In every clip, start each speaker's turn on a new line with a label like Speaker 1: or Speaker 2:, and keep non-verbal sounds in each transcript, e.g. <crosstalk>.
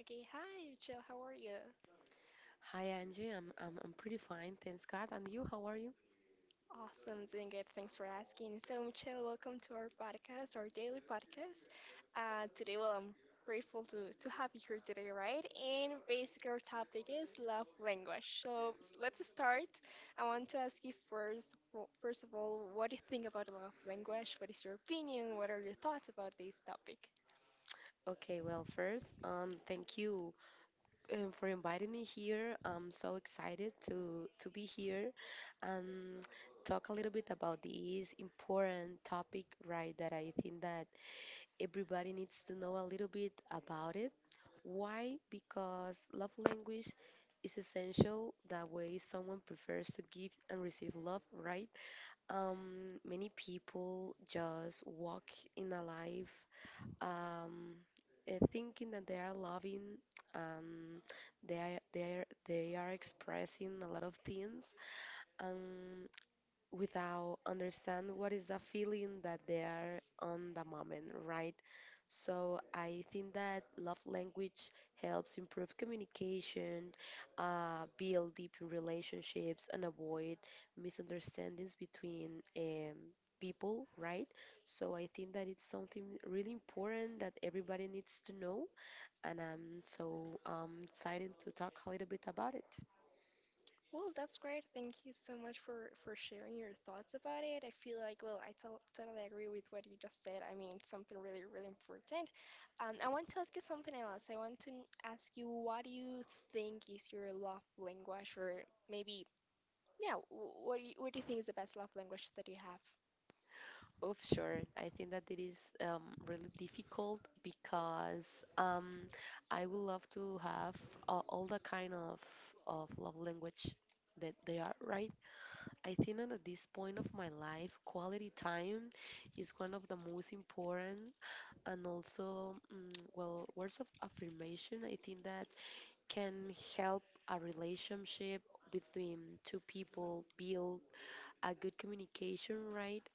Speaker 1: Okay, hi, Michelle. How are you?
Speaker 2: Hi Angie, I'm pretty fine, thanks God. And you, how are you?
Speaker 1: Awesome, doing good. Thanks for asking. So, Michelle, welcome to our podcast, our daily podcast. Today, I'm grateful to have you here today, right? And basically, our topic is love language. So, let's start. I want to ask you first, first of all, what do you think about love language? What is your opinion? What are your thoughts about this topic?
Speaker 2: Okay, well, first, thank you for inviting me here. I'm so excited to be here and talk a little bit about this important topic, right? That I think that everybody needs to know a little bit about it. Why? Because love language is essential. That way, someone prefers to give and receive love, right? Many people just walk in a life um, thinking that they are loving and they are expressing a lot of things. Um, Without understand what is the feeling that they are on the moment, right? So I think that love language helps improve communication, build deep relationships, and avoid misunderstandings between people, right? So I think that it's something really important that everybody needs to know, and I'm so excited to talk a little bit about it.
Speaker 1: Well, that's great. Thank you so much for sharing your thoughts about it. I feel like, well, I to totally agree with what you just said. I mean, it's something really, really important. I want to ask you something else. I want to ask you, what do you think is your love language, or maybe, yeah, what do what do you think is the best love language that you have?
Speaker 2: Oh, sure. I think that it is really difficult because I would love to have all the kind of love language that they are, right? I think that at this point of my life, quality time is one of the most important. And also, mm, well, words of affirmation, I think that can help a relationship between two people build a good communication, right?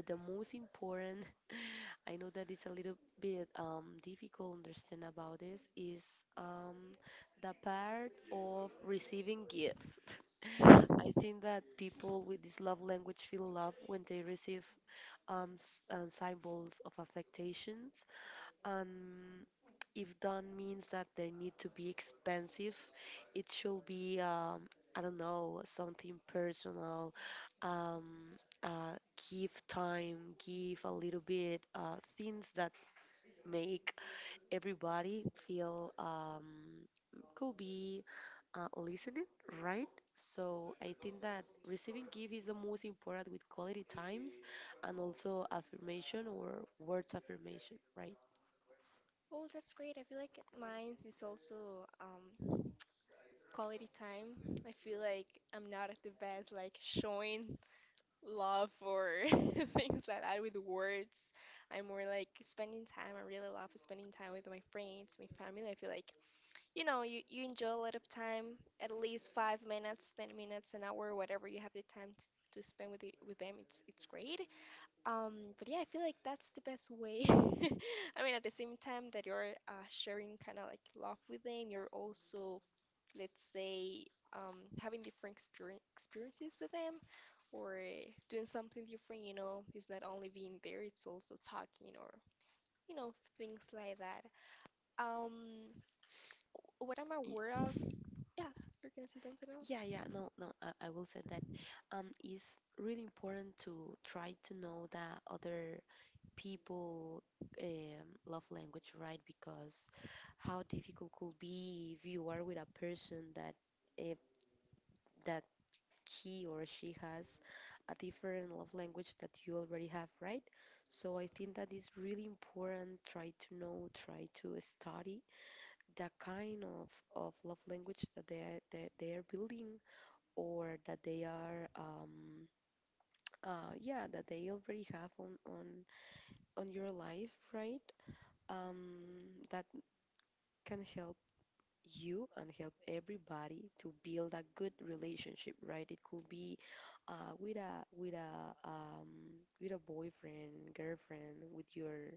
Speaker 2: But the most important, <laughs> I know that it's a little bit difficult understand about this, is the part of receiving gift. <laughs> I think that people with this love language feel love when they receive symbols of affectations. Um, if that means that they need to be expensive it should be I don't know something personal. Um, uh, Give time, give a little bit. Things that make everybody feel could be listening, right? So I think that receiving gift is the most important with quality times and also affirmation or words affirmation, right?
Speaker 1: Oh, that's great. I feel like mine is also quality time. I feel like I'm not at the best, like showing love for <laughs> things like that with words. I'm more like spending time. I really love spending time with my friends, my family. I feel like, you know, you enjoy a lot of time, at least 5 minutes, 10 minutes, an hour, whatever you have the time to spend with with them. It's great. But yeah, I feel like that's the best way. <laughs> I mean, at the same time that you're sharing kind of like love with them, you're also, let's say, um, having different experiences with them or doing something different, you know, it's not only being there, it's also talking or, you know, things like that. Um, what I'm aware of,
Speaker 2: Yeah.
Speaker 1: yeah, you're gonna say something else?
Speaker 2: Yeah, yeah, no, no, I will say that it's really important to try to know that other people love language, right? Because how difficult could be if you are with a person that eh, that he or she has a different love language that you already have, right? So I think that is really important. Try to know, try to study the kind of love language that they are building or that they are yeah that they already have on your life, right? That can help you and help everybody to build a good relationship, right? It could be uh with a with a um with a boyfriend girlfriend, with your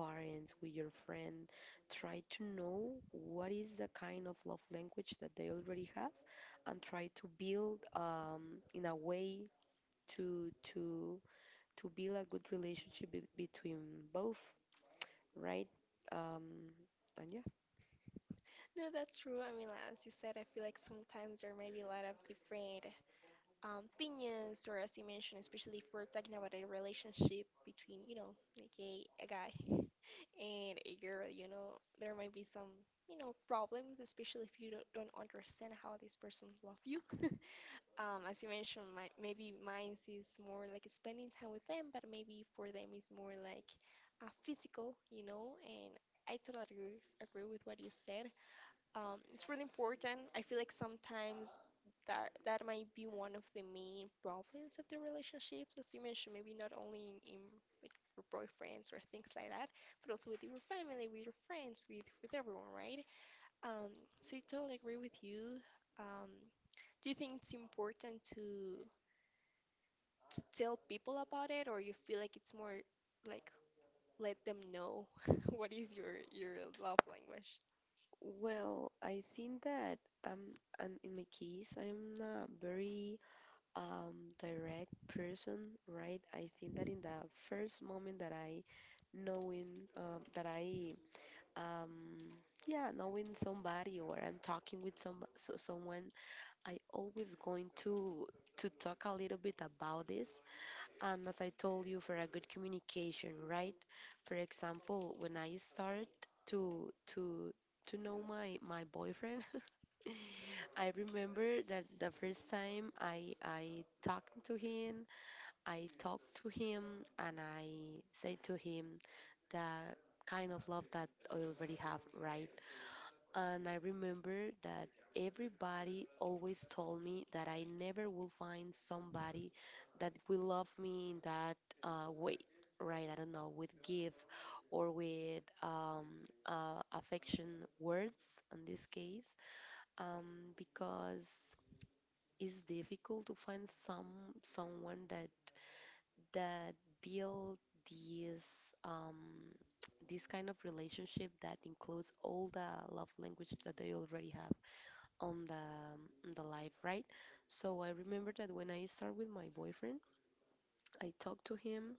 Speaker 2: parents, with your friend. Try to know what is the kind of love language that they already have and try to build, in a way to to to build a good relationship be between both, right? Um, and yeah.
Speaker 1: No, that's true. I mean, like, as you said, I feel like sometimes there might be a lot of different opinions, or as you mentioned, especially if we're talking about a relationship between, you know, like a guy <laughs> and a girl, you know, there might be some, you know, problems, especially if you don't understand how this person love you. <laughs> As you mentioned, maybe mine is more like spending time with them, but maybe for them it's more like physical, you know, and I totally agree with what you said. It's really important. I feel like sometimes that might be one of the main problems of the relationships, as you mentioned, maybe not only in like your boyfriends or things like that, but also with your family, with your friends, with everyone, right? Um, so I totally agree with you. Um, do you think it's important to tell people about it, or you feel like it's more like let them know <laughs> what is your love language?
Speaker 2: Well, I think that and in my case, I'm a very direct person, right? I think that in the first moment that I um yeah knowing somebody or I'm talking with someone, I always going to talk a little bit about this. And as I told you, for a good communication, right? For example, when I start to to to know my boyfriend, <laughs> I remember that the first time I talked to him, and I said to him the kind of love that I already have, right? And I remember that everybody always told me that I never will find somebody that will love me in that way, right, I don't know, with give or with affection words in this case, because it's difficult to find someone that build this <tsk> this kind of relationship that includes all the love language that they already have on the life, right? So I remember that when I start with my boyfriend, I talked to him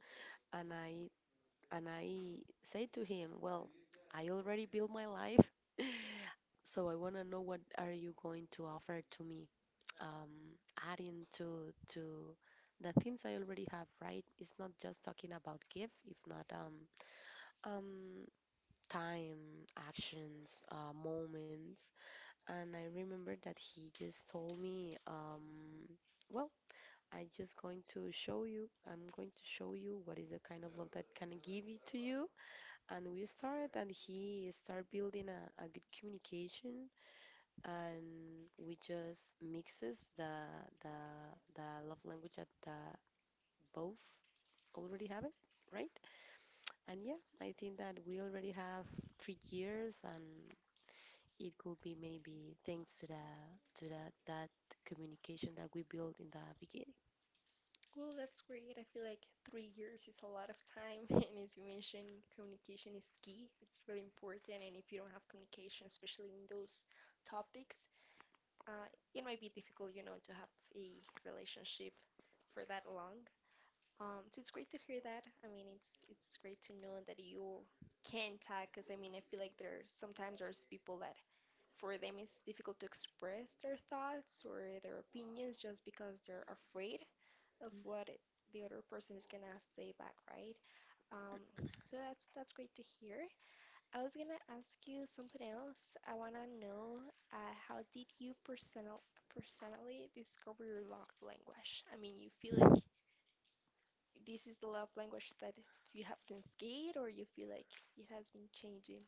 Speaker 2: and I And I said to him, "Well, I already built my life, <laughs> so I want to know what are you going to offer to me, um, adding to the things I already have, right? It's not just talking about gift, if not um, time, actions, moments." And I remember that he just told me, well, "I'm just going to show you, I'm going to show you what is the kind of love that can give it to you." And we started and he started building a good communication, and we just mixes the the love language that the both already have it, right? And yeah, I think that we already have 3 years, and it could be maybe thanks to the to that communication that we built in the beginning.
Speaker 1: Well, that's great. I feel like 3 years is a lot of time. <laughs> And as you mentioned, communication is key. It's really important. And if you don't have communication, especially in those topics, uh, it might be difficult, you know, to have a relationship for that long. So it's great to hear that. I mean, it's great to know that you can tag, because I mean, I feel like there sometimes there's people that for them it's difficult to express their thoughts or their opinions just because they're afraid of the other person is gonna say back, right? Um, so that's great to hear. I was gonna ask you something else. I wanna know how did you personally discover your love language? I mean, you feel like this is the love language that you have since kid, or you feel like it has been changing?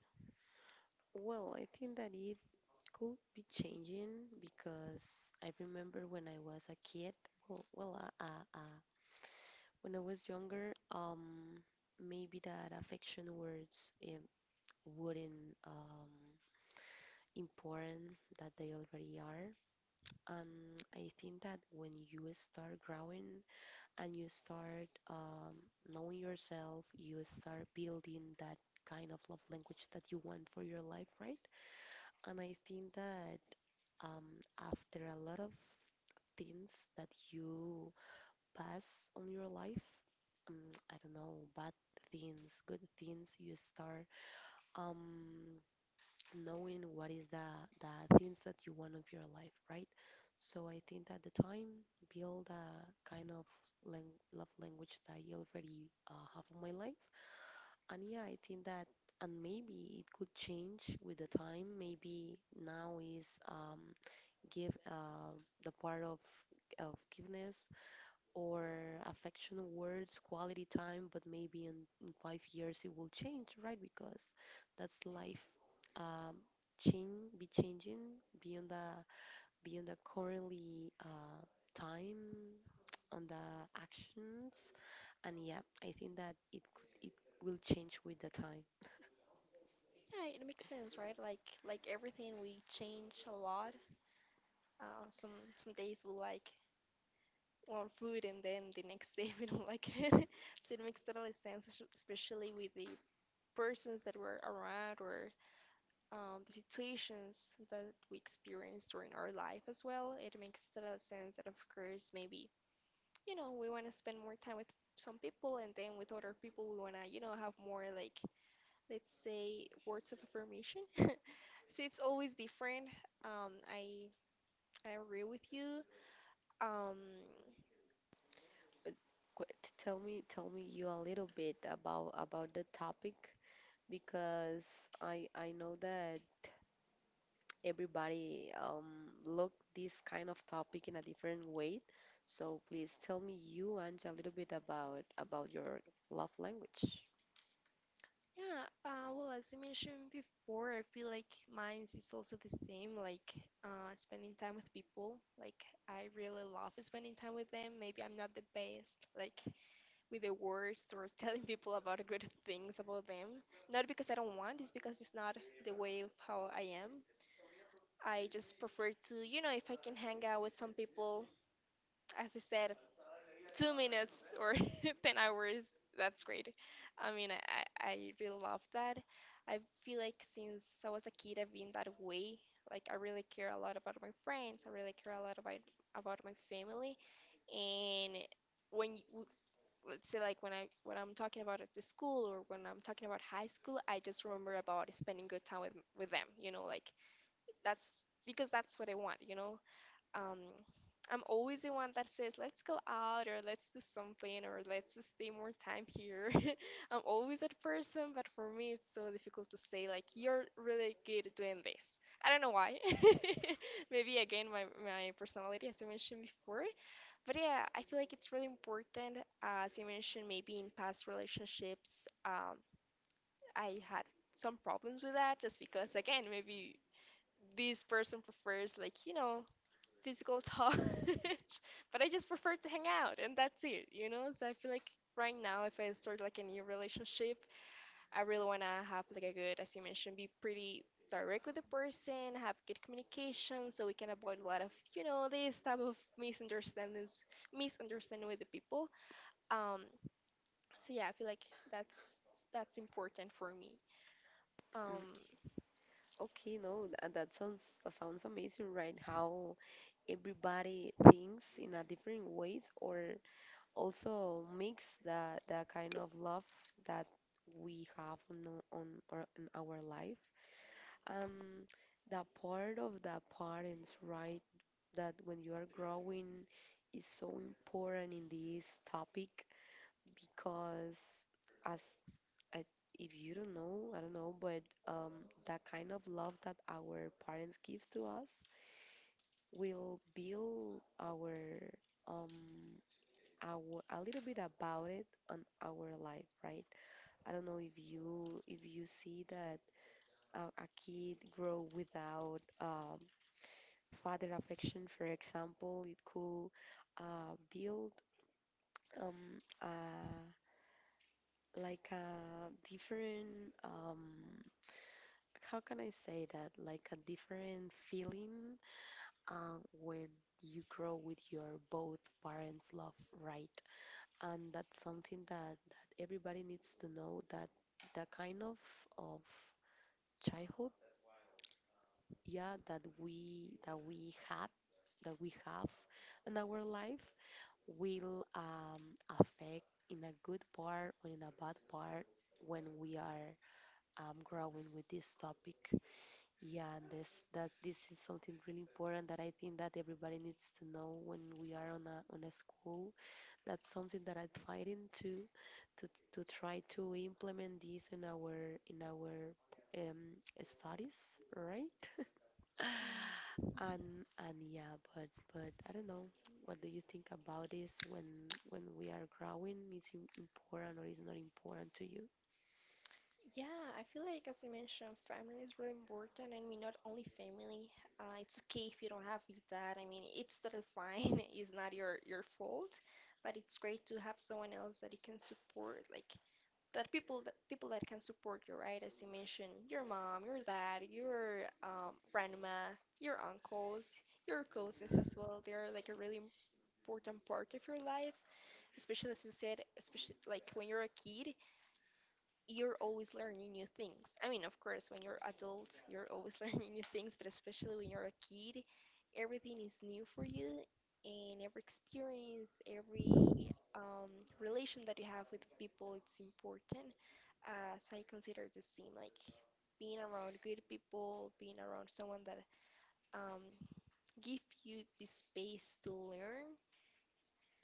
Speaker 2: Well, I think that it could be changing because I remember when I was a kid, well, well, uh, uh, uh, when I was younger, maybe that affection words wouldn't important that they already are. And I think that when you start growing and you start knowing yourself, you start building that kind of love language that you want for your life, right? And I think that after a lot of things that you pass on your life, I don't know, bad things, good things, you start um, knowing what is the things that you want of your life, right? So I think that the time build a kind of love language that I already have in my life. And yeah, I think that, and maybe it could change with the time. Maybe now is give the part of forgiveness or affectionate words, quality time, but maybe in 5 years it will change, right? Because that's life. Um, Change be changing beyond the beyond the currently time on the actions, and yeah, I think that it will change with the time.
Speaker 1: Yeah, it makes sense, right? Like everything, we change a lot. Some days we like or food and then the next day <laughs> we don't like it. <laughs> So it makes totally sense, especially with the persons that were around or the situations that we experienced during our life as well. It makes total sense that, of course, maybe, you know, we want to spend more time with some people and then with other people we want to, you know, have more like, let's say, words of affirmation. <laughs> So it's always different. Um, I I agree with you. Um,
Speaker 2: Uh, qu- tell me you a little bit about the topic because I know that everybody look this kind of topic in a different way. So please tell me you, Anja, a little bit about your love language.
Speaker 1: Yeah, well, as I mentioned before, I feel like mine is also the same, like spending time with people. Like, I really love spending time with them. Maybe I'm not the best, like, with the words or <laughs> telling people about good things about them. Not because I don't want, it's because it's not the way of how I am. I just prefer to, you know, if I can hang out with some people, as I said, 2 minutes or <laughs> 10 hours. That's great. I mean, I really love that. I feel like since I was a kid, I've been that way. Like, I really care a lot about my friends. I really care a lot about my family. And when y- w- let's say like when I when I'm talking about at the school or when I'm talking about high school, I just remember about spending good time with them. You know, like that's because that's what I want. You know, um, I'm always the one that says, let's go out or let's do something or let's just stay more time here. <laughs> I'm always that person, but for me, it's so difficult to say, like, you're really good at doing this. I don't know why. <laughs> Maybe again, my personality, as I mentioned before. But yeah, I feel like it's really important. As you mentioned, maybe in past relationships, I had some problems with that just because, again, maybe this person prefers like, you know, physical touch <laughs> but I just prefer to hang out and that's it, you know, so I feel like right now if I start like a new relationship I really want to have like a good, as you mentioned, be pretty direct with the person, have good communication so we can avoid a lot of, you know, this type of misunderstanding with the people. Um, so yeah, I feel like that's that's important for me.
Speaker 2: Mm,
Speaker 1: Um,
Speaker 2: Okay, no, that sounds amazing, right? How everybody thinks in a different ways, or also makes that that kind of love that we have or in our life. Um, the part of the parents, right? That when you are growing is so important in this topic because as I, if you don't know, I don't know, but that kind of love that our parents give to us will build um our a little bit about it on our life, right? I don't know if you see that a kid grow without father affection, for example, it could build um, uh, like a different, how can I say that? Like a different feeling when you grow with your both parents' love, right? And that's something that, that everybody needs to know that the kind of childhood, yeah, that we had, that we have in our life will affect in a good part or in a bad part when we are growing with this topic. Yeah, and this is something really important that I think that everybody needs to know when we are on a school. That's something that I'm fighting to try to implement this in our in our um, studies, right? And yeah, but I don't know. What do you think about this when we are growing? Is it important or is not important to you?
Speaker 1: yeah, I feel like, as I mentioned, family is really important. I mean, not only family. It's okay if you don't have it, dad. I mean, it's totally fine. <laughs> It's not your fault, but it's great to have someone else that you can support, like that people that can support you, right? As you mentioned, your mom, your dad, your grandma, your uncles, your cousins as well. They're like a really important part of your life, especially as you said, especially like when you're a kid you're always learning new things. I mean, of course, when you're adult, you're always <laughs> learning new things, but especially when you're a kid, everything is new for you, and every experience, every um, relation that you have with people, it's important. So I consider the same, like being around good people, being around someone that um, give you the space to learn,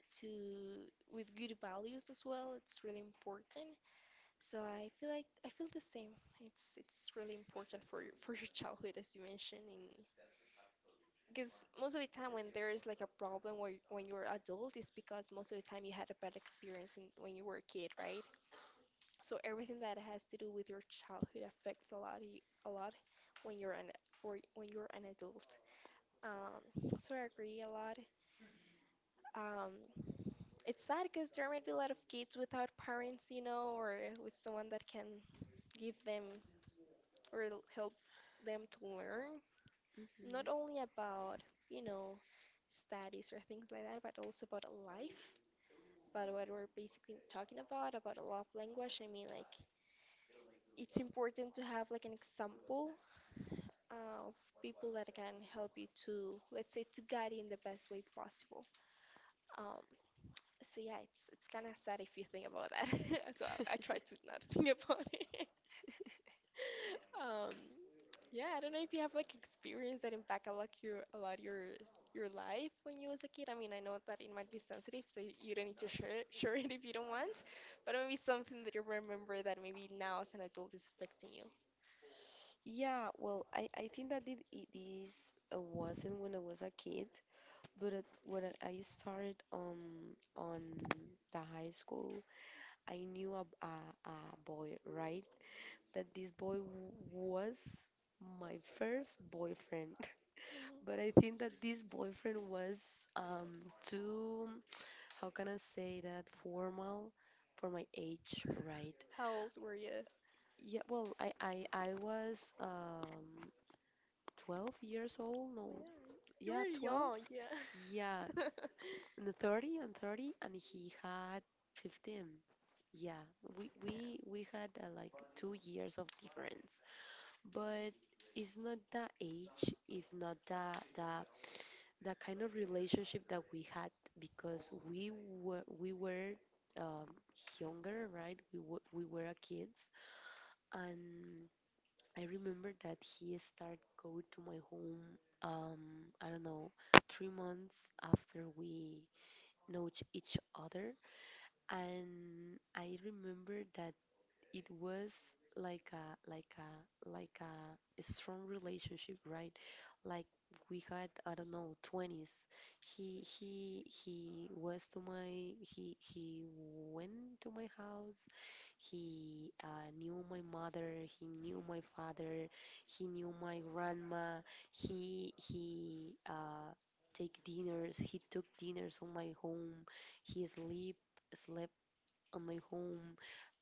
Speaker 1: to with good values as well. It's really important. So I feel like I feel the same. It's really important for your <laughs> for your childhood, as you mentioned, in because most of the time when there is like a problem when you're adult, it's because most of the time you had a bad experience when you were a kid, right? So everything that has to do with your childhood affects a lot of you, a lot when you're an or when you're an adult. So I agree a lot. Um, it's sad because there might be a lot of kids without parents, you know, or with someone that can give them or help them to learn not only
Speaker 2: Hmm.
Speaker 1: about, you know, studies or things like that, but also about life. But what we're basically talking about a love language, I mean, like, it's important to have like an example of people that can help you to, let's say, to guide you in the best way possible. Um, so yeah, it's kind of sad if you think about that. <laughs> So I try to not <laughs> think
Speaker 2: <laughs>
Speaker 1: about it. <laughs> Um, yeah, I don't know if you have like experience that impact a lot your life when you was a kid. I mean, I know that it might be sensitive, so you don't need to share it, <laughs> share it if you don't want, but maybe something that you remember that maybe now as an adult is affecting you.
Speaker 2: Yeah, well, I think that it is wasn't when I was a kid, but when I started on the high school, I knew a boy, right? That this boy w was my first boyfriend. <laughs> But
Speaker 1: Mm,
Speaker 2: I think that this boyfriend was too, how can I say that, formal for my age, right?
Speaker 1: how old were you?
Speaker 2: Yeah, well, I was 12 years old. No,
Speaker 1: Well, you
Speaker 2: yeah,
Speaker 1: were
Speaker 2: 12.
Speaker 1: young, yeah. <laughs>
Speaker 2: Yeah, in the 30 and 30, and he had 15. Yeah, we
Speaker 1: Yeah,
Speaker 2: we we had like 2 years of difference. But it's not the age, if not the kind of relationship that we had, because we were um, younger, right? We were a kids, and I remember that he started go to my home. I don't know, 3 months after we know each other, and I remember that it was like a like a like strong relationship, right? Like we had, I don't know, 20s. He was to my he went to my house. He knew my mother. He knew my father. He knew my grandma. He take dinners. He took dinners on my home. He sleep slept on my home.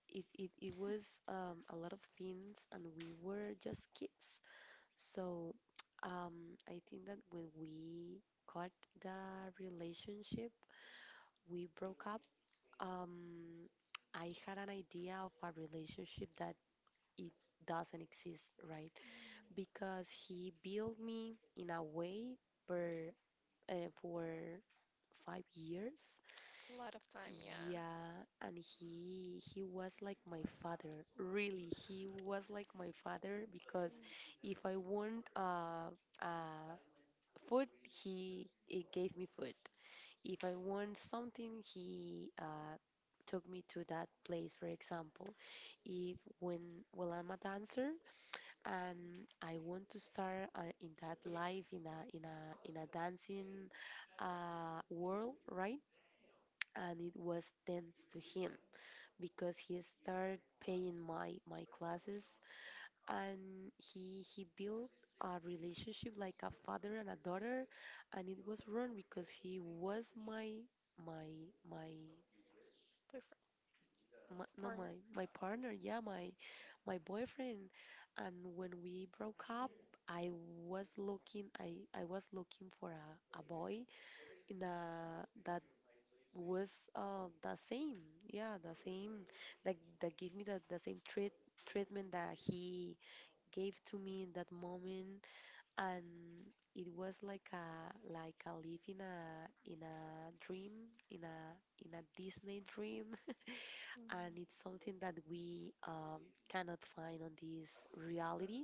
Speaker 2: It was a lot of things, and we were just kids. so, I think that when we got the relationship, we broke up. Um, I had an idea of a relationship that it doesn't exist, right? Because he built me in a way for uh, for 5 years,
Speaker 1: it's a lot of time, yeah.
Speaker 2: yeah, and he was like my father. Really, he was like my father because if I want uh food, he gave me food. If I want something, he took me to that place. For example, if when well I'm a dancer and I want to start in that life in a in a dancing world, right? And it was thanks to him because he started paying my classes, and he built a relationship like a father and a daughter. And it was wrong because he was my my my
Speaker 1: Boyfriend,
Speaker 2: my, no my
Speaker 1: partner.
Speaker 2: my partner, yeah, my boyfriend. And when we broke up, i I was looking for a boy in a that was the same, yeah, the same, that gave me the same treatment that he gave to me in that moment. And it was like a live in a dream, in a in a Disney dream <laughs> and
Speaker 1: Mm.
Speaker 2: it's something that we cannot find on this reality.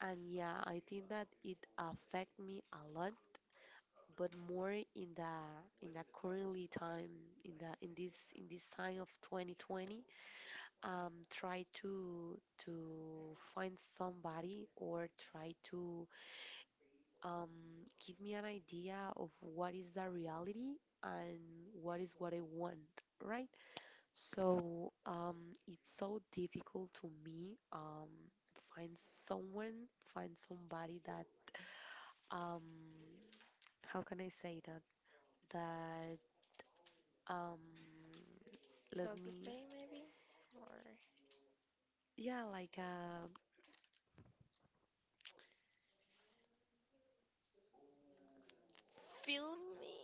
Speaker 2: And yeah, I think that it affect me a lot, but more in the currently time, in the in this time of 2020. Try to find somebody, or try to um, give me an idea of what is the reality and what is what I want, right? So it's so difficult to me find someone, find somebody that um, how can I say that? That um, Let
Speaker 1: Does the
Speaker 2: me...
Speaker 1: same maybe? Or
Speaker 2: yeah, like uh,
Speaker 1: feel me?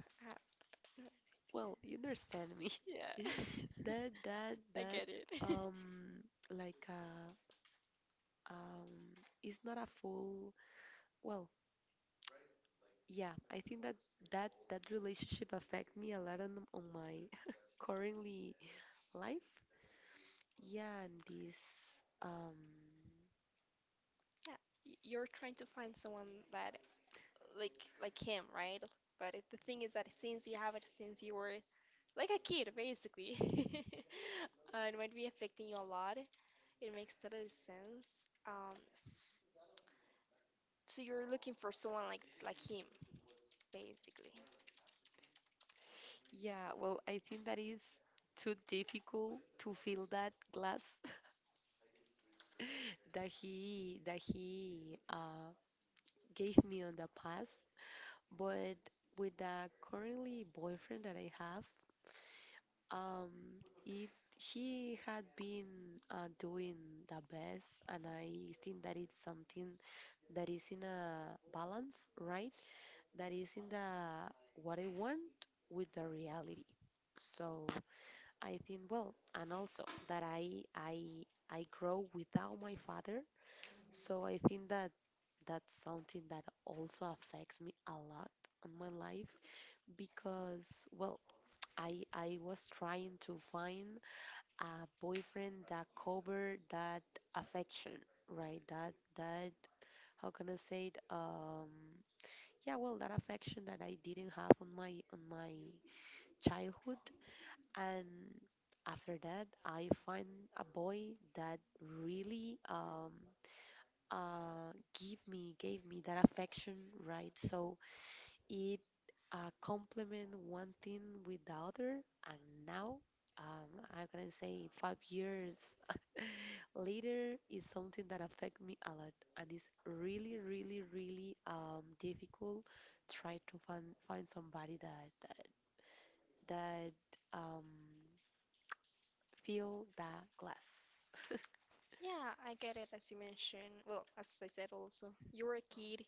Speaker 1: I don't know.
Speaker 2: well, you understand me. <laughs>
Speaker 1: Yeah.
Speaker 2: That that
Speaker 1: <laughs> I
Speaker 2: that
Speaker 1: get it. <laughs>
Speaker 2: um, like um, it's not a full... well. Yeah, I think that that relationship affect me a lot on my currently life. Yeah, and this, um,
Speaker 1: Yeah, you're trying to find someone that like like him, right? But the thing is that since you have it since you were like a kid, basically, <laughs> it might be affecting you a lot. It makes total sense. So you're looking for someone like him, basically.
Speaker 2: yeah, well, I think that is too difficult to fill that glass <laughs> that he gave me on the past. But with the currently boyfriend that I have, um, it he had been doing the best, and I think that it's something that is in a balance, right? That is in the what I want with the reality. So I think well, and also that I grow without my father. So I think that that's something that also affects me a lot on my life because, well, I was trying to find a boyfriend that covered that affection, right? That that How can I say it? That affection that I didn't have on my childhood. And after that, I find a boy that really uh give me gave me that affection, right? So it complement one thing with the other. And now, I'm gonna say 5 years <laughs> later is something that affect me a lot, and it's really, really, really difficult. Try to find somebody that that um, fill that glass. <laughs>
Speaker 1: Yeah, I get it. As you mentioned, well, as I said also, you were a kid.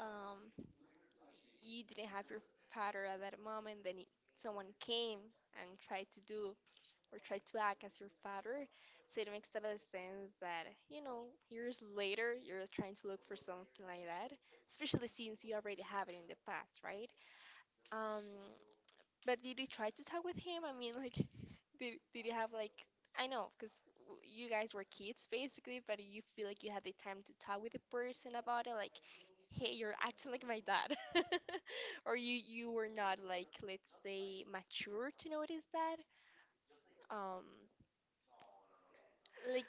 Speaker 1: Um, you didn't have your father at that moment. Someone came and tried to do or try to act as your father. So it makes total sense that, you know, years later you're trying to look for something like that, especially since you already have it in the past, right? Um, but did you try to talk with him? I mean, like, <laughs> did you have like, I know, because you guys were kids basically, but you feel like you had the time to talk with the person about it, like, hey, you're acting like my dad. <laughs> Or you were not like, let's say, mature to notice that. Um, like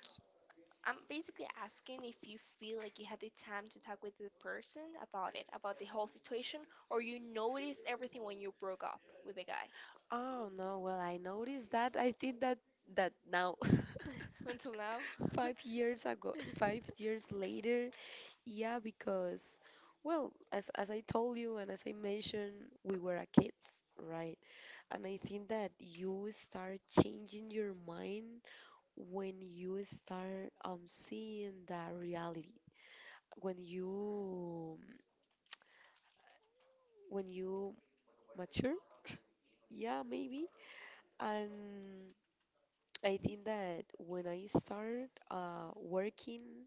Speaker 1: I'm basically asking if you feel like you had the time to talk with the person about it, about the whole situation, or you noticed everything when you broke up with the guy.
Speaker 2: Oh no, well I noticed that. I think that that now.
Speaker 1: <laughs> Until now.
Speaker 2: <laughs> 5 years ago,
Speaker 1: <laughs>
Speaker 2: 5 years later. Yeah, because, well, as I told you and as I mentioned, we were a kids, right? And I think that you start changing your mind when you start seeing that reality. When you when you mature, yeah, maybe. And I think that when I start working,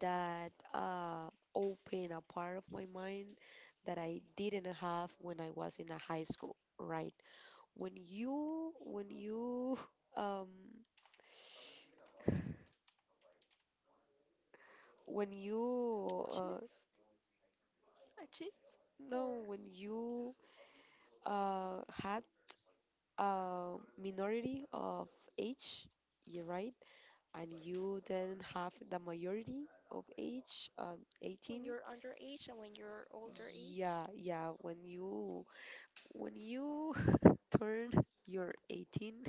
Speaker 2: that open a part of my mind that I didn't have when I was in a high school, right? When you, when you, <laughs> um, when you,
Speaker 1: Achieve, achieve,
Speaker 2: no,
Speaker 1: or
Speaker 2: when you had a minority of age, you're right, and you then have the majority of age,
Speaker 1: when
Speaker 2: 18.
Speaker 1: you're underage and when you're older age.
Speaker 2: Yeah, yeah, when you <laughs> turn your 18,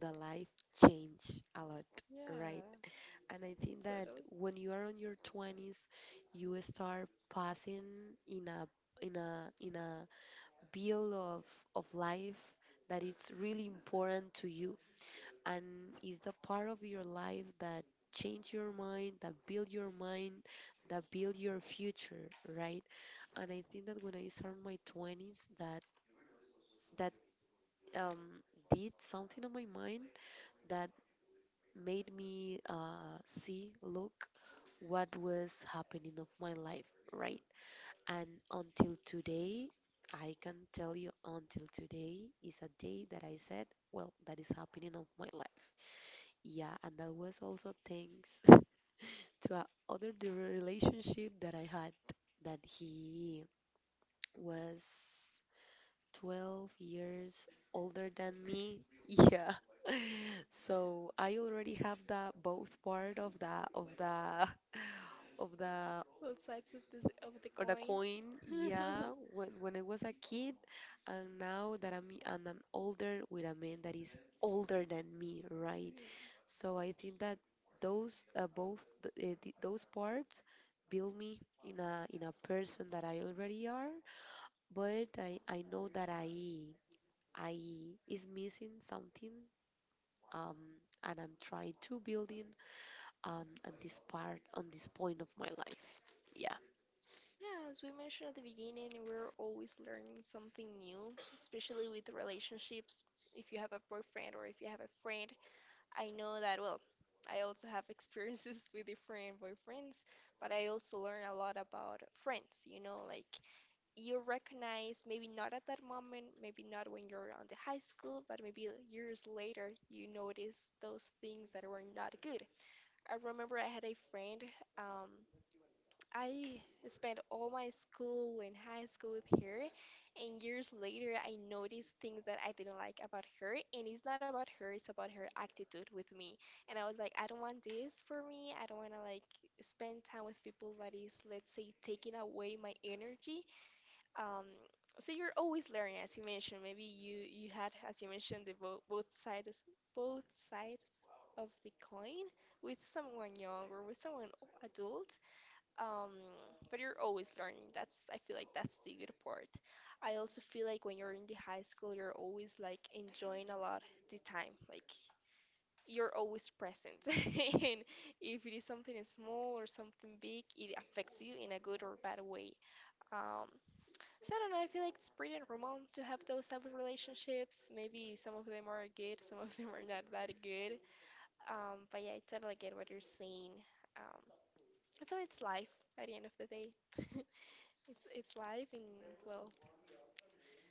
Speaker 2: the life change a lot, right?
Speaker 1: Yeah.
Speaker 2: And I think
Speaker 1: Sort
Speaker 2: that
Speaker 1: of
Speaker 2: when you are on your 20s, you start passing in a in a bill of life that it's really important to you, and is the part of your life that change your mind, that build your mind, that build your future, right? And I think that when I start my 20s, that that um, did something on my mind that made me see, look, what was happening of my life, right? And until today, I can tell you, until today is a day that I said, well, that is happening of my life. Yeah, and that was also thanks <laughs> to a other the relationship that I had, that he was 12 years older than me. <laughs> Yeah, so I already have the both part of the <laughs> of the...
Speaker 1: both sides of this of the
Speaker 2: or the
Speaker 1: coin.
Speaker 2: coin.
Speaker 1: <laughs>
Speaker 2: Yeah, when I was a kid, and now that I'm older with a man that is older than me, right?
Speaker 1: Mhm.
Speaker 2: So I think that those both those parts build me in a person that I already are. But I know that I is missing something. Um, and I'm trying to building at this part, on this point of my life. Yeah,
Speaker 1: Yeah, as we mentioned at the beginning, we're always learning something new, especially with relationships. If you have a boyfriend or if you have a friend, I know that, well, I also have experiences <laughs> with different boyfriends, but I also learn a lot about friends, you know, like you recognize maybe not at that moment, maybe not when you're on the high school, but maybe years later, you notice those things that were not good. I remember I had a friend, um, I spent all my school and high school with her, and years later, I noticed things that I didn't like about her. And it's not about her, it's about her attitude with me. And I was like, I don't want this for me. I don't want to like spend time with people that is, let's say, taking away my energy. Um, so you're always learning, as you mentioned. Maybe you had, as you mentioned, the bo both sides of the coin with someone young or with someone adult. Um, but you're always learning. That's I feel like that's the good part. I also feel like when you're in the high school, you're always like enjoying a lot the time. Like you're always present, <laughs> and if it is something small or something big, it affects you in a good or bad way. Um, so I don't know. I feel like it's pretty normal to have those type of relationships. Maybe some of them are good, some of them are not that good. But yeah, I totally get what you're saying. Um, I feel like it's life at the end of the day. <laughs> It's life and well,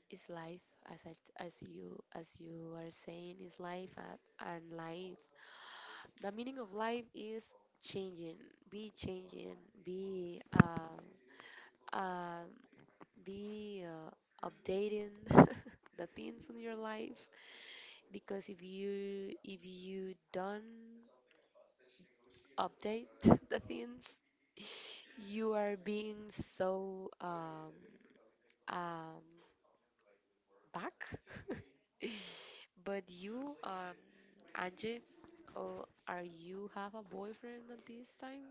Speaker 2: it's life, as you are saying, is life and life. The meaning of life is changing, be changing, be um, um be updating <laughs> the things in your life. Because if you don't update <laughs> the things, you are being so um, back. <laughs> But you, Anje, are you have a boyfriend at this time?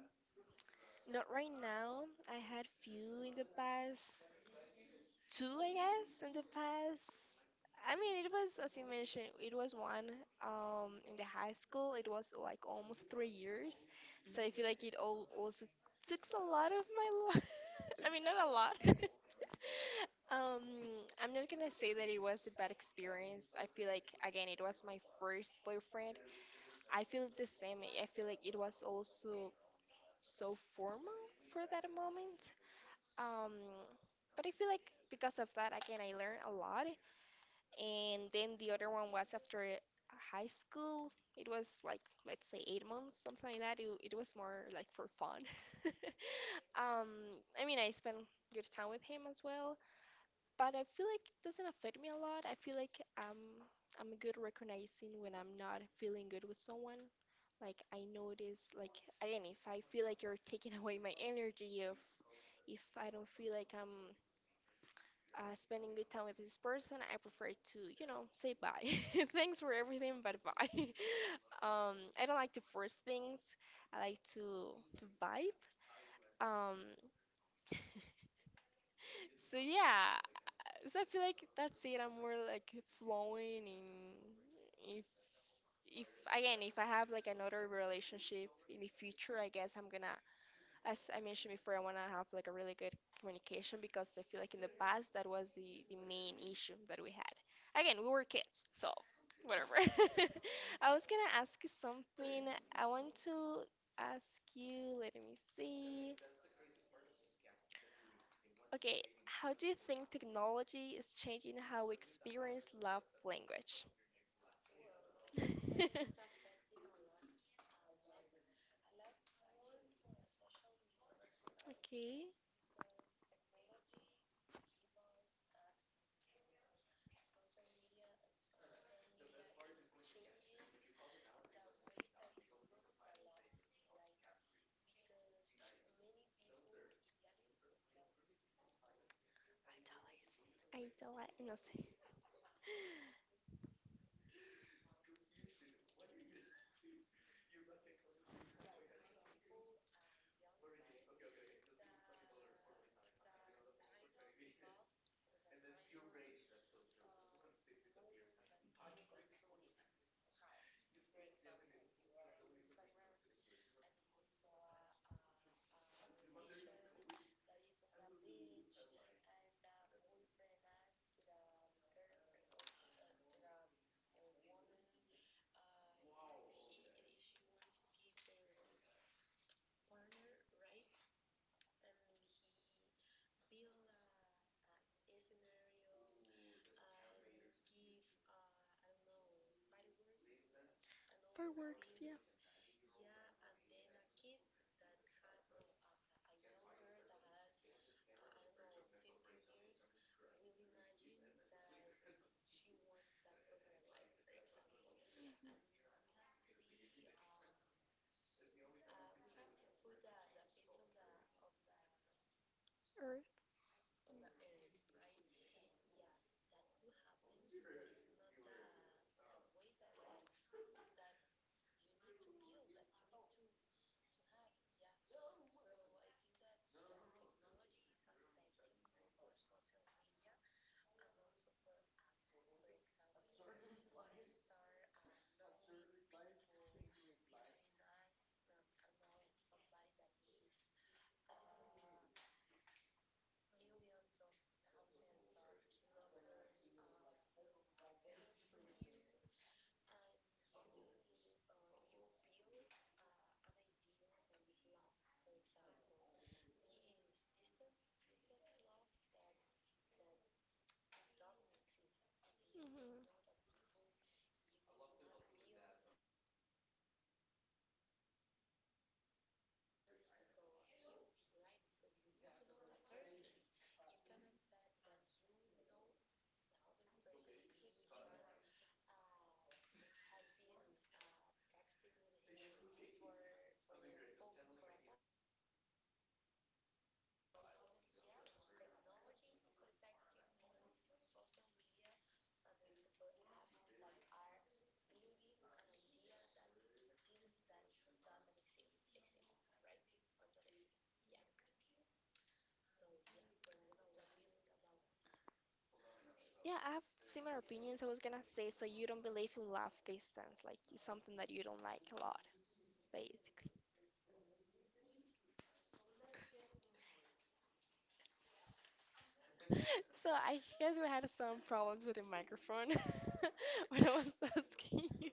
Speaker 1: not right now. I had few in the past two, I guess, in the past. I mean, it was as you mentioned, it was one in the high school. It was like almost 3 years, so I feel like it all also
Speaker 2: <laughs>
Speaker 1: took a lot of my life. <laughs> I mean, not a lot. <laughs> Um, I'm not gonna say that it was a bad experience. I feel like again, it was my first boyfriend. I feel the same. I feel like it was also so formal for that moment. Um, but I feel like because of that, again, I learned a lot. And then the other one was after high school. It was like, let's say, 8 months, something like that. It was more like for fun. <laughs> Um, I mean, I spent good time with him as well but I feel like it doesn't affect me a lot. I feel like I'm good at recognizing when I'm not feeling good with someone. Like I notice like again if I feel like you're taking <laughs> away my energy if I don't feel like I'm spending good time with this person, I prefer to, you know, say bye. <laughs> Thanks for everything, but bye. <laughs> I don't like to force things. I like to vibe. Um, so yeah, So I feel like that's it. I'm more like flowing in if if again if I have like another relationship in the future, I guess I'm gonna as I mentioned before, I wanna have like a really good communication because I feel like in the past that was the main issue that we had. Again, we were kids, so whatever. <laughs> I was gonna ask you something. I want to ask you, let me see. Okay, how do you think technology is changing how we experience love language? <laughs> Okay. Idolize. No sé. Fireworks, yeah. Earth. Hmm. Yeah, I have similar opinions. I was gonna say, so you don't believe in love distance, like it's something that you don't like a lot, basically. <laughs> So I guess we had some problems with the microphone <laughs> when I was <laughs> asking you.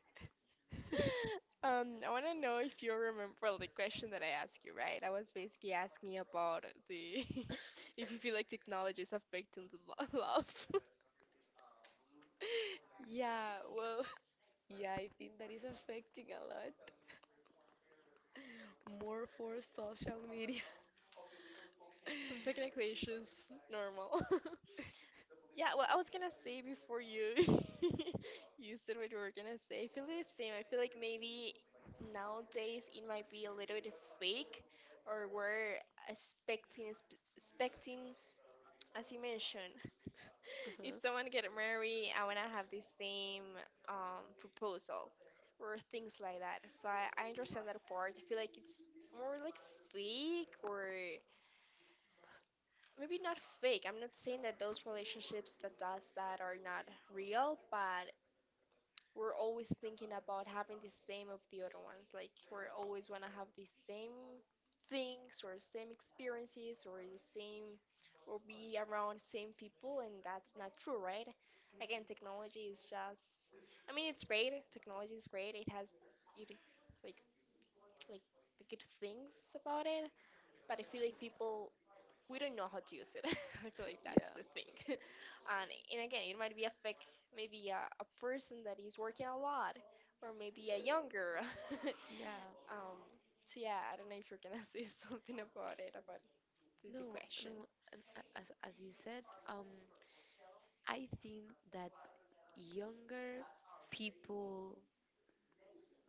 Speaker 1: I want to know if you remember well, the question that I asked you, right? I was basically asking you about the <laughs> if you feel like technology is affecting the <laughs> love.
Speaker 2: Yeah, well, <laughs> yeah, I think that is affecting a lot more for social media. <laughs>
Speaker 1: Some technical issues, normal. <laughs> Yeah, well, I was gonna say before you <laughs> you said what you were gonna say. I feel the same. I feel like maybe nowadays it might be a little bit fake, or we're expecting expecting as you mentioned. <laughs> If someone
Speaker 2: Uh-huh.
Speaker 1: get married, I wanna have the same proposal or things like that. So I understand that part. I feel like it's more like fake or maybe not fake. I'm not saying that those relationships that does that are not real, but we're always thinking about having the same of the other ones. Like we're always want to have the same things or same experiences or the same or be around same people and that's not true, right? Again, technology is just I mean it's great. Technology is great. It has it like like the good things about it, but I feel like people we don't know how to use it. <laughs> I feel like that's
Speaker 2: Yeah.
Speaker 1: the thing. <laughs> And again, it might be a fake, maybe a person that is working a lot, or maybe a young girl. <laughs>
Speaker 2: Yeah.
Speaker 1: Um, so yeah, I don't know if you're gonna say <laughs> something about it, about
Speaker 2: No,
Speaker 1: the question.
Speaker 2: no. As you said, I think that younger people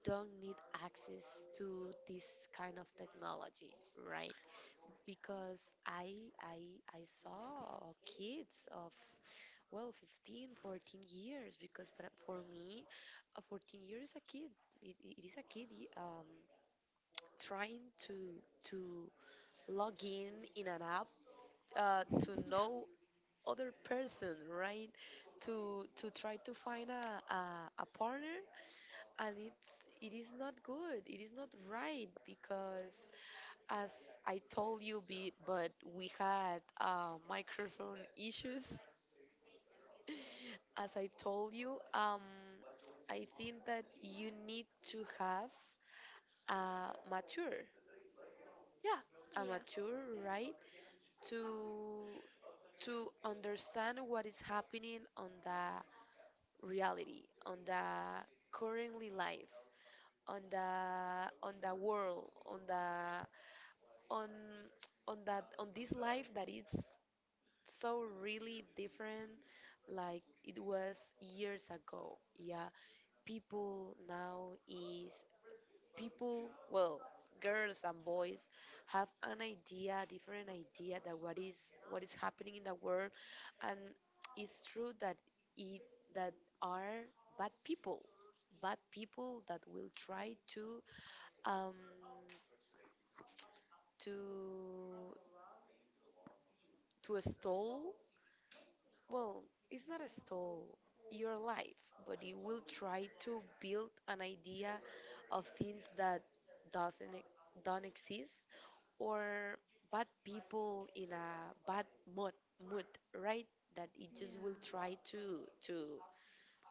Speaker 2: don't need access to this kind of technology, right? Because I I saw kids of well 15, 14 years, because but for me a 14 year is a kid. It is a kid, trying to to log in an app, to know other person, right? To try to find a partner. And it is not good, it is not right. Because as I told you be— but we had microphone issues, as I told you, I think that you need to have a mature,
Speaker 1: Yeah,
Speaker 2: a
Speaker 1: yeah.
Speaker 2: mature, right, to understand what is happening on the reality, on the currently life, on the world, on the on on that, on this life that it's so really different like it was years ago. Yeah, people now is— people, well, girls and boys have an idea, different idea, that what is happening in the world. And it's true that it that are bad people, bad people that will try um to stall... well, it's not a stall your life, but it will try to build an idea of things that doesn't e- don't exist, or bad people in a bad mood, mood, right? That it just will
Speaker 1: Yeah.
Speaker 2: try to to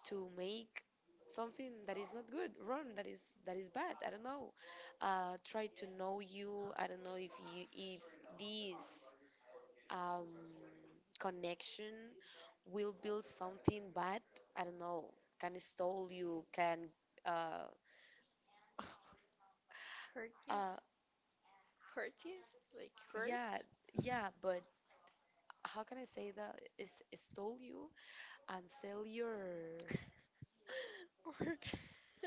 Speaker 2: to make something that is not good, wrong, that is bad. I don't know. Try to know you. I don't know if you— if this um, connection will build something, but I don't know, can stole you, can uh, <laughs>
Speaker 1: Hurt you.
Speaker 2: uh
Speaker 1: Hurt you? Like hurt?
Speaker 2: yeah,
Speaker 1: <laughs>
Speaker 2: yeah, but how can I say that? Is stole you and sell
Speaker 1: Or. <laughs>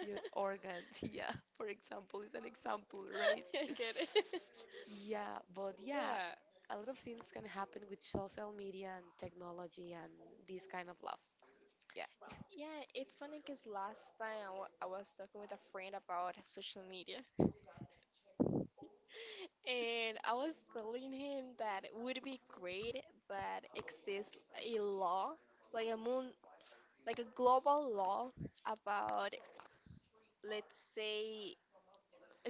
Speaker 2: your organs <laughs> yeah, for example, is an example, right?
Speaker 1: I get it. <laughs>
Speaker 2: Yeah, but yeah,
Speaker 1: Yeah.
Speaker 2: a lot of things can happen with social media and technology and this kind of love. Yeah.
Speaker 1: Yeah, it's funny because last time I I was talking with a friend about social media, and I was telling him that it would be great that exists a law, like a moon, like a global law about, let's say,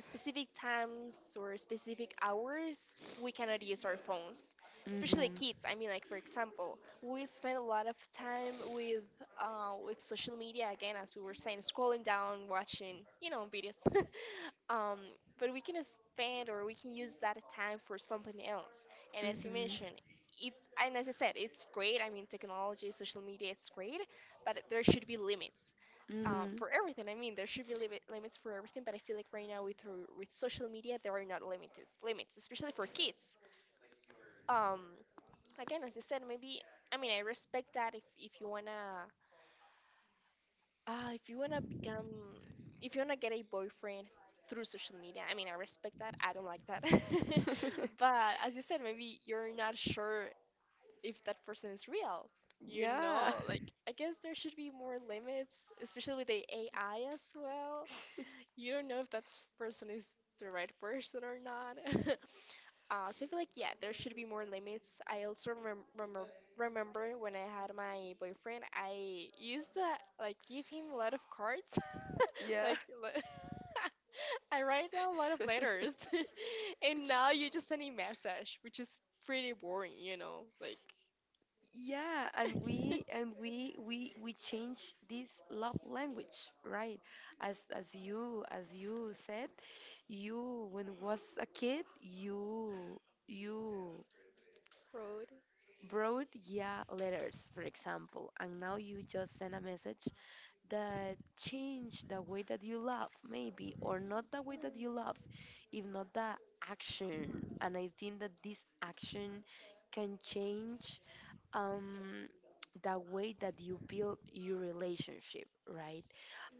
Speaker 1: specific times or specific hours we cannot use our phones, especially kids. I mean, like for example, we spend a lot of time with social media again as we were saying scrolling down watching, you know, videos. <laughs> um, but we can spend or we can use that time for something else and as you
Speaker 2: Mhm.
Speaker 1: mentioned it, and as I said it's great. I mean technology social media it's great but there should be limits
Speaker 2: Mhm.
Speaker 1: for everything. I mean, there should be limits for everything, but I feel like right now with social media, there are not limited limits, especially for kids. Um, Again, as you said, maybe I mean I respect that if you wanna if you wanna become if you wanna get a boyfriend through social media, I mean I respect that. I don't like that, <laughs>
Speaker 2: <laughs>
Speaker 1: but as you said, maybe you're not sure if that person is real. You
Speaker 2: Yeah.
Speaker 1: know, like I guess there should be more limits, especially with the AI as well. You don't know if that person is the right person or not. <laughs> So I feel like, yeah, there should be more limits. I also remember when I had my boyfriend, I used to like give him a lot of cards. <laughs>
Speaker 2: Yeah.
Speaker 1: Like le- <laughs> I write down a lot of letters,
Speaker 2: <laughs>
Speaker 1: <laughs> and now you just send a message, which is pretty boring, you know, like.
Speaker 2: Yeah, and we change this love language, right? As you said, you when was a kid, you
Speaker 1: <laughs> Road.
Speaker 2: wrote, yeah, letters, for example, and now you just send a message. That change the way that you love, maybe, or not the way that you love, if not the action. And I think that this action can change um, the way that you build your relationship, right?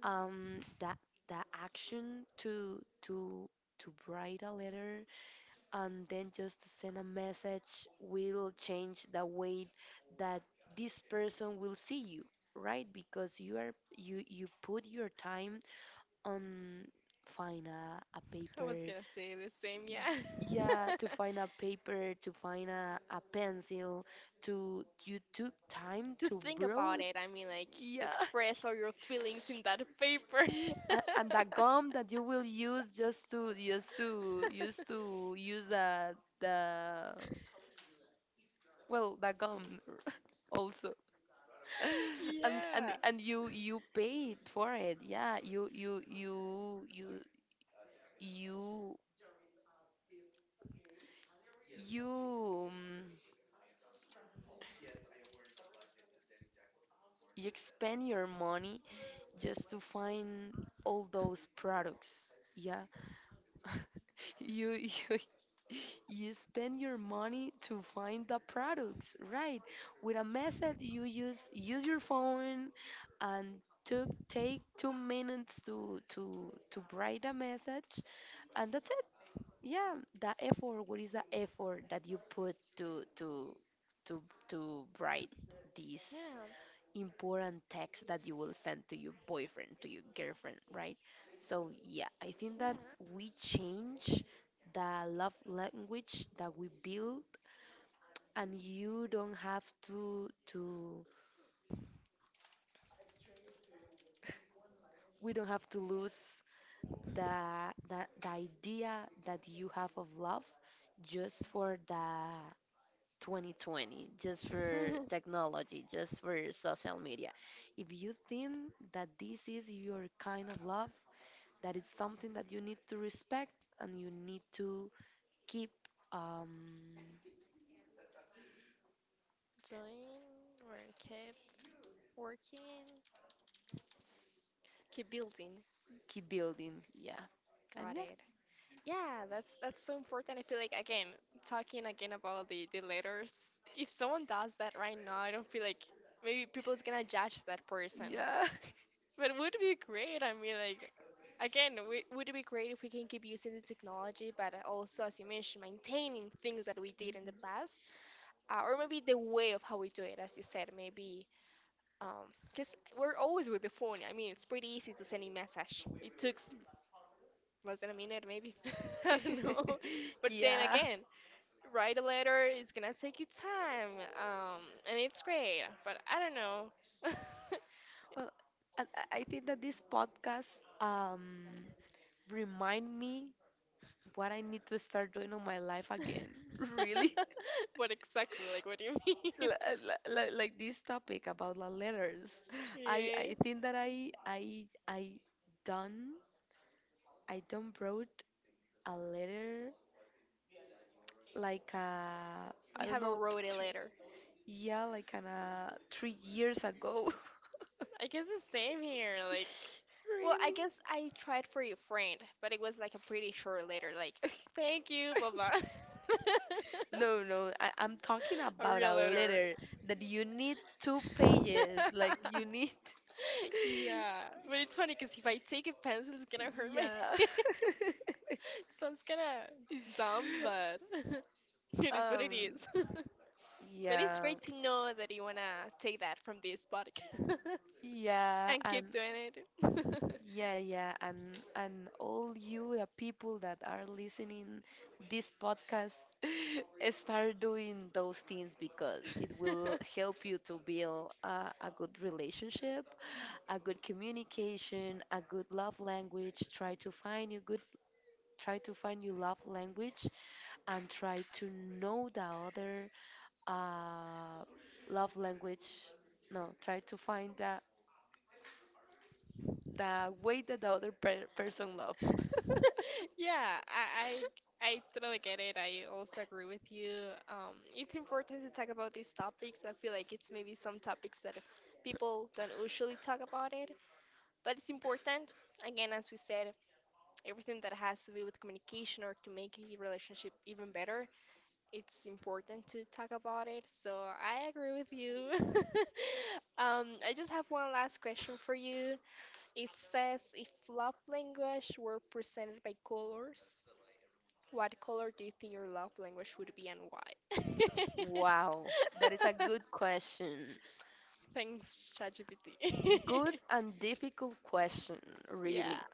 Speaker 2: That the action to write a letter, and then just send a message, will change the way that this person will see you, right? Because you are— you put your time on find a
Speaker 1: I was
Speaker 2: paper...
Speaker 1: gonna say the same,
Speaker 2: y-
Speaker 1: yeah.
Speaker 2: yeah, to
Speaker 1: <laughs>
Speaker 2: find a paper, to find a pencil, to— you took time
Speaker 1: To
Speaker 2: to
Speaker 1: think about
Speaker 2: browse
Speaker 1: it. I mean, like, to
Speaker 2: yeah
Speaker 1: express all your feelings in that paper. <laughs>
Speaker 2: <laughs> and the gum that you will use, just to use the... well, the gum, <laughs> also. <laughs> And
Speaker 1: Yeah.
Speaker 2: you paid for it. Yeah, you you um, you expend your money just to find all those products. Yeah. <laughs> You <laughs> you spend your money to find the products, right? With a method you use your phone and took take 2 minutes to write a message and that's it. Yeah, the effort, what is the effort that you put to to write this important text that you will send to your boyfriend, to your girlfriend, right? So, yeah, I think
Speaker 1: Yeah.
Speaker 2: that
Speaker 1: Yeah.
Speaker 2: we change the love language that we build, and you don't have to we don't have to lose the idea that you have of love just for the 2020, just for
Speaker 1: <laughs>
Speaker 2: technology, just for social media. If you think that this is your kind of love, that it's something that you need to respect and you need to keep um,
Speaker 1: Join or keep working, keep building.
Speaker 2: keep building. Yeah, and
Speaker 1: Got
Speaker 2: yeah,
Speaker 1: it. Yeah, that's so important. I feel like again, talking again about the letters. If someone does that right now, I don't feel like maybe people is gonna judge that person.
Speaker 2: yeah.
Speaker 1: But it would be great. I mean, like, again, we, would it be great if we can keep using the technology, but also, as you mentioned, maintaining things that we did in the
Speaker 2: Mhm.
Speaker 1: past, or maybe the way of how we do it, as you said, maybe. Because we're always with the phone. I mean, it's pretty easy to send a message. It took less than a minute, maybe. <laughs> I don't know.
Speaker 2: <laughs>
Speaker 1: But then
Speaker 2: Yeah.
Speaker 1: again, write a letter is gonna take you time. Um, and it's great, but I don't know. <laughs>
Speaker 2: Well, I think that this podcast remind me what I need to start doing on my life again. <laughs> Really.
Speaker 1: What exactly? Like, what do you <laughs>
Speaker 2: <laughs>
Speaker 1: mean?
Speaker 2: Like this topic about the letters. I
Speaker 1: Yeah,
Speaker 2: I think that I I I done I done wrote a letter like uh I
Speaker 1: you
Speaker 2: don't
Speaker 1: haven't
Speaker 2: know,
Speaker 1: wrote it later.
Speaker 2: yeah, like 3 years ago. <laughs>
Speaker 1: I guess the same here. Like, well, I
Speaker 2: Really?
Speaker 1: guess I tried for your friend, but it was like a pretty short letter. Like,
Speaker 2: <laughs>
Speaker 1: thank you, blah blah. <laughs>
Speaker 2: No, no, I'm talking
Speaker 1: A
Speaker 2: about
Speaker 1: real
Speaker 2: a
Speaker 1: letter.
Speaker 2: letter that you need two pages, like you
Speaker 1: <laughs>
Speaker 2: need,
Speaker 1: Yeah, but it's funny because if I take a pencil, it's gonna
Speaker 2: <laughs>
Speaker 1: hurt my. <laughs>
Speaker 2: yeah.
Speaker 1: hand.
Speaker 2: <laughs>
Speaker 1: Sounds kinda dumb, but <laughs> it is what
Speaker 2: Um,
Speaker 1: it is. <laughs> But it's
Speaker 2: yeah,
Speaker 1: great to know that you wanna take that from this podcast <laughs>
Speaker 2: yeah,
Speaker 1: and
Speaker 2: and
Speaker 1: keep doing it.
Speaker 2: yeah, yeah, and all you the people that are listening this podcast <laughs> start doing those things because it will
Speaker 1: <laughs>
Speaker 2: help you to build a good relationship, a good communication, a good love language. Try to find your good, try to find your love language, and try to know the other uh, love language. No, try to find the way that the other per person love.
Speaker 1: <laughs>
Speaker 2: <laughs>
Speaker 1: Yeah, I, I I totally get it. I also agree with you. It's important to talk about these topics. I feel like it's maybe some topics that people don't usually talk about it, but it's important. Again, as we said, everything that has to do with communication or to make a relationship even better, it's important to talk about it. So I agree with you. <laughs> I just have one last question for you. It says if love language were presented by colors, what color do you think your love language would be and why?
Speaker 2: Wow, that is a
Speaker 1: <laughs>
Speaker 2: good <laughs> question.
Speaker 1: Thanks, ChatGPT. <laughs>
Speaker 2: Good and difficult question, really.
Speaker 1: Yeah.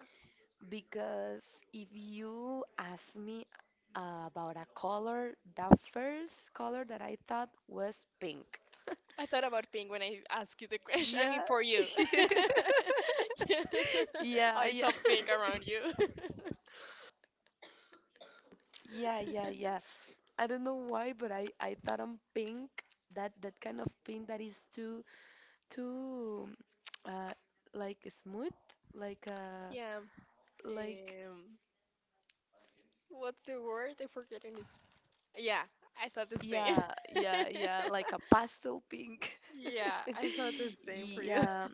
Speaker 2: Because if you ask me about a color, the first color that I thought was pink.
Speaker 1: I thought about pink when I asked you the question. I mean,
Speaker 2: Yeah.
Speaker 1: for you.
Speaker 2: <laughs>
Speaker 1: <laughs> Yeah. Oh,
Speaker 2: Yeah,
Speaker 1: it's
Speaker 2: yeah.
Speaker 1: all pink around you.
Speaker 2: <laughs> Yeah, yeah, yeah. I don't know why, but I thought I'm pink. That kind of pink that is too too uh like smooth, like
Speaker 1: <laughs>
Speaker 2: uh
Speaker 1: Yeah.
Speaker 2: like
Speaker 1: Um, what's the word? I'm forgetting it's. Yeah, I thought the same.
Speaker 2: yeah, yeah, yeah, like a
Speaker 1: <laughs>
Speaker 2: pastel pink.
Speaker 1: Yeah,
Speaker 2: <laughs>
Speaker 1: I thought the same for you.
Speaker 2: Yeah,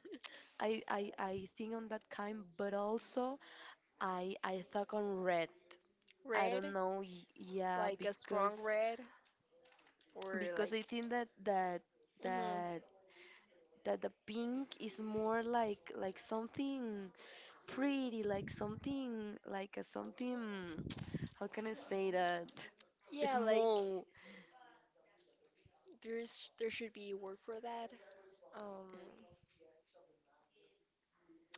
Speaker 2: I think on that kind, but also I thought on red.
Speaker 1: <laughs>
Speaker 2: I
Speaker 1: Red,
Speaker 2: don't know. Yeah,
Speaker 1: like a strong red, or
Speaker 2: because
Speaker 1: like.
Speaker 2: I think
Speaker 1: hmm
Speaker 2: that that the pink is more like something pretty, like something like a something. <tsk> How can I say that?
Speaker 1: Yeah, like
Speaker 2: Small
Speaker 1: there should be a word for that. Um,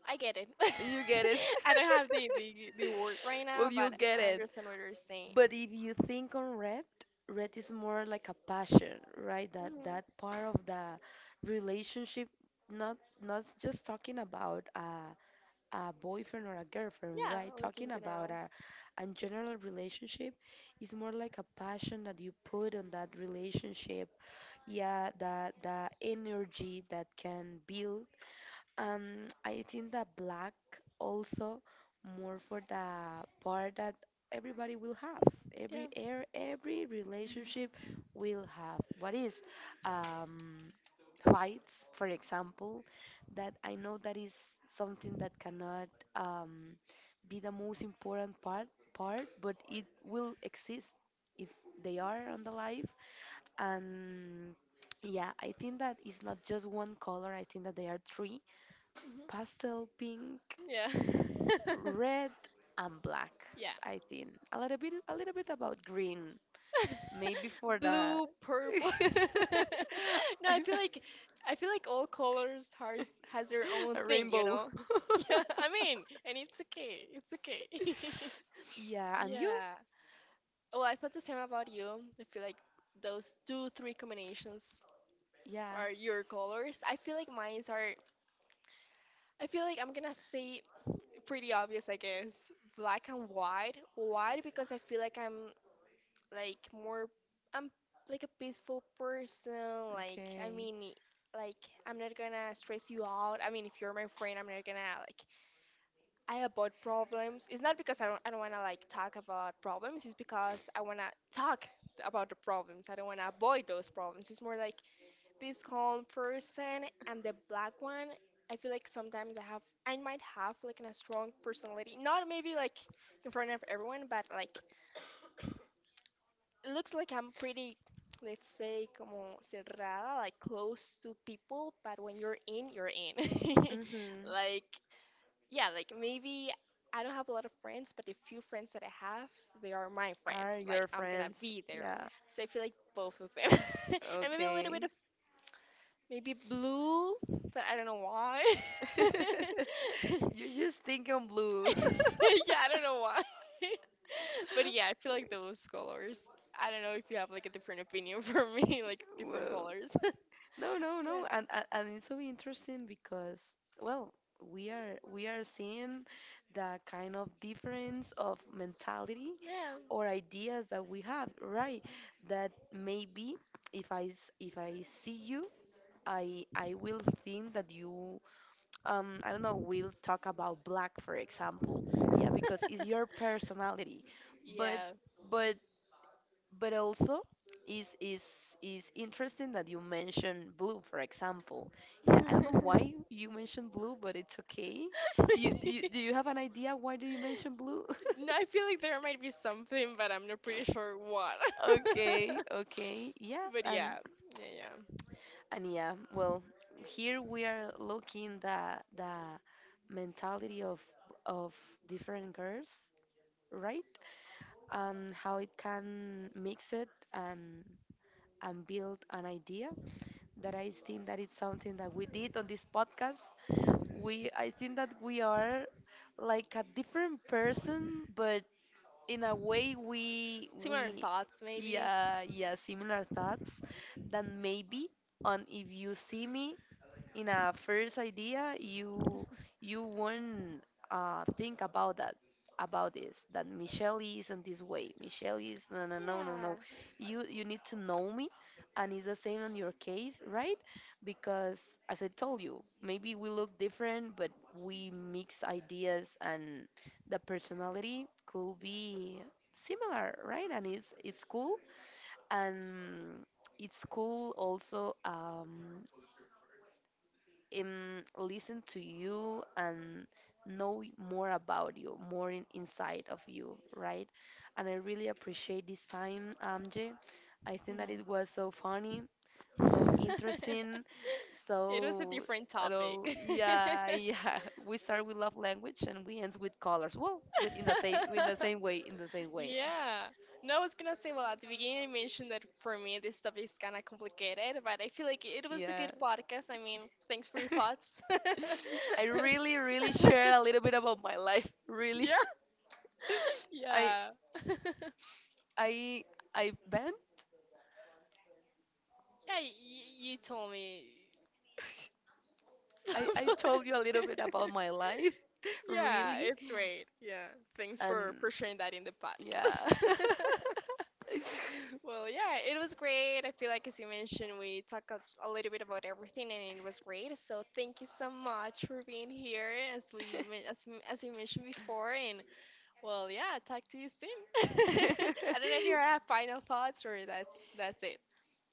Speaker 1: I get it.
Speaker 2: You get
Speaker 1: <laughs>
Speaker 2: it. <laughs>
Speaker 1: I don't have the, the word right now,
Speaker 2: Well, you
Speaker 1: but
Speaker 2: get
Speaker 1: I
Speaker 2: it.
Speaker 1: understand what you're saying.
Speaker 2: But if you think on red, red is more like a passion, right? That that
Speaker 1: hmm
Speaker 2: part of the relationship, not not just talking about a boyfriend or a girlfriend,
Speaker 1: Yeah,
Speaker 2: right?
Speaker 1: like in
Speaker 2: Talking about
Speaker 1: general.
Speaker 2: a general relationship is more like a passion that you put on that relationship. Yeah, the energy that can build I think that black also more for the part that everybody will have. Every
Speaker 1: Yeah.
Speaker 2: air, every relationship will have. What is um, fights, for example, that I know that is something that cannot um, be the most important part, but it will exist if they are on the life. And yeah, I think that it's not just one color. I think that they are three
Speaker 1: hmm
Speaker 2: pastel pink,
Speaker 1: Yeah. <laughs>
Speaker 2: red, and black.
Speaker 1: Yeah.
Speaker 2: I think a little bit about green, maybe for
Speaker 1: <laughs>
Speaker 2: the
Speaker 1: Blue,
Speaker 2: <laughs>
Speaker 1: purple. <laughs> No, I feel like all colors has their own
Speaker 2: a
Speaker 1: thing, you
Speaker 2: rainbow.
Speaker 1: know? <laughs> Yeah,
Speaker 2: <laughs>
Speaker 1: I mean, and it's okay. It's okay. <laughs>
Speaker 2: Yeah, and you?
Speaker 1: Yeah. Well, I thought the same about you. I feel like those two, three combinations
Speaker 2: Yeah,
Speaker 1: are your colors. I feel like mines are, I feel like I'm gonna say pretty obvious, I guess. Black and white. White because I feel like I'm like more, I'm like a peaceful person. Like, I
Speaker 2: okay.
Speaker 1: mean, like I'm not gonna stress you out. I mean, if you're my friend, I'm not gonna like I avoid problems. It's not because I don't want to like talk about problems. It's because I want to talk about the problems. I don't want to avoid those problems. It's more like this calm person and the black one. I feel like sometimes I might have like a strong personality. Not maybe like in front of everyone, but like it looks like I'm pretty, let's say, como cerrada, like close to people. But when you're in, you're in. <laughs>
Speaker 2: Mm-hmm.
Speaker 1: like yeah, like maybe I don't have a lot of friends, but the few friends that I have, they are my
Speaker 2: Are
Speaker 1: friends. Like
Speaker 2: your
Speaker 1: I'm gonna
Speaker 2: friends?
Speaker 1: be there.
Speaker 2: Yeah,
Speaker 1: So I feel like both of them. <laughs> And maybe a little
Speaker 2: okay.
Speaker 1: bit of maybe blue, but I don't know why.
Speaker 2: <laughs>
Speaker 1: <laughs>
Speaker 2: You just think I'm blue. <laughs>
Speaker 1: Yeah, I don't know why. <laughs> But yeah, I feel like those colors. I don't know if you have like a different opinion for me, <laughs> like different
Speaker 2: Whoa.
Speaker 1: colors. <laughs>
Speaker 2: No, no,
Speaker 1: Yeah.
Speaker 2: no, and it's so interesting because well, we are seeing the kind of difference of mentality or ideas that we have, right? That maybe if I see you, I will think that you I don't know, will talk about black, for example. Yeah, because it's your personality, but.
Speaker 1: Yeah.
Speaker 2: But but also is is is interesting that you mentioned blue, for example. Yeah, I don't know why you mentioned blue, but it's okay. you,
Speaker 1: Yeah. <laughs>
Speaker 2: you do you have an idea why do you mention blue?
Speaker 1: No, I feel like there might be something, but I'm not pretty sure what.
Speaker 2: <laughs> Okay,
Speaker 1: <laughs>
Speaker 2: okay, yeah,
Speaker 1: But yeah, yeah, yeah.
Speaker 2: and yeah, well, here we are looking the mentality of different girls, right? And how it can mix it, and and build an idea that I think that it's something that we did on this podcast. We, I think that we are like a different person, but in a way
Speaker 1: Similar
Speaker 2: we
Speaker 1: thoughts, maybe.
Speaker 2: yeah, yeah, similar thoughts. Then maybe on if you see me in a first idea, you won't think about that, about this, that Michelle isn't this way, Michelle is, no, no, no, no,
Speaker 1: Yeah.
Speaker 2: no, you need to know me, and it's the same on your case, right? Because as I told you, maybe we look different, but we mix ideas, and the personality could be similar, right? And it's cool, and it's cool also listen to you and know more about you, more inside of you, right? And I really appreciate this time, Amjay. I think that it was so funny, so
Speaker 1: Mhm. <laughs>
Speaker 2: interesting,
Speaker 1: It was a
Speaker 2: so
Speaker 1: different
Speaker 2: I know,
Speaker 1: topic.
Speaker 2: yeah, yeah. <laughs> We start with love language and we end with colors. Well, with in the
Speaker 1: <laughs>
Speaker 2: same way, in the same way.
Speaker 1: Yeah. No, I was gonna say, well, at the beginning, I mentioned that for me, this topic is kind of complicated, but I feel like it was a
Speaker 2: Yeah.
Speaker 1: good podcast. I mean, thanks for your
Speaker 2: <laughs>
Speaker 1: thoughts. <laughs>
Speaker 2: I really, really share a little bit about my life. Really.
Speaker 1: Yeah,
Speaker 2: I
Speaker 1: yeah. <laughs>
Speaker 2: I I Ben,
Speaker 1: Yeah, you told me.
Speaker 2: I told
Speaker 1: <laughs>
Speaker 2: you a little bit about my life, <laughs>
Speaker 1: Yeah,
Speaker 2: really,
Speaker 1: it's great. Yeah, thanks
Speaker 2: and
Speaker 1: for sharing that in the
Speaker 2: yeah.
Speaker 1: podcast. <laughs> Well, yeah, it was great. I feel like, as you mentioned, we talked a little bit about everything, and it was great. So thank you so much for being here, as we men- as m- as you mentioned before. And well, yeah, talk to you soon. <laughs> I don't know if you
Speaker 2: <laughs>
Speaker 1: have final thoughts or that's it.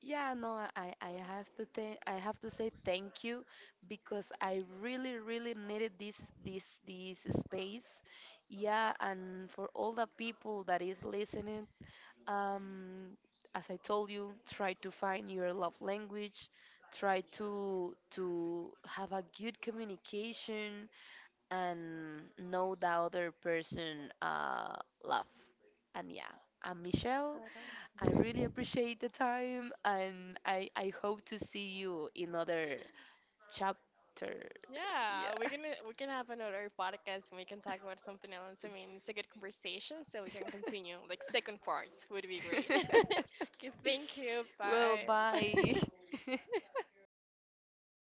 Speaker 2: Yeah, no, I have to thank, I have to say thank you because I really really needed this space. Yeah, and for all the people that is listening, um, as I told you, try to find your love language, try to have a good communication and know the other person love. And yeah, I'm Michelle. I really appreciate the time, and I hope to see you in other chapter.
Speaker 1: Yeah,
Speaker 2: Yeah.
Speaker 1: we can have another podcast and we can talk about something else. I mean, it's a good conversation, so we can continue. Like second part would be great. <laughs> Okay,
Speaker 2: <laughs>
Speaker 1: thank you.
Speaker 2: Well,
Speaker 1: Bye.
Speaker 2: bye.
Speaker 1: <laughs>
Speaker 2: <laughs>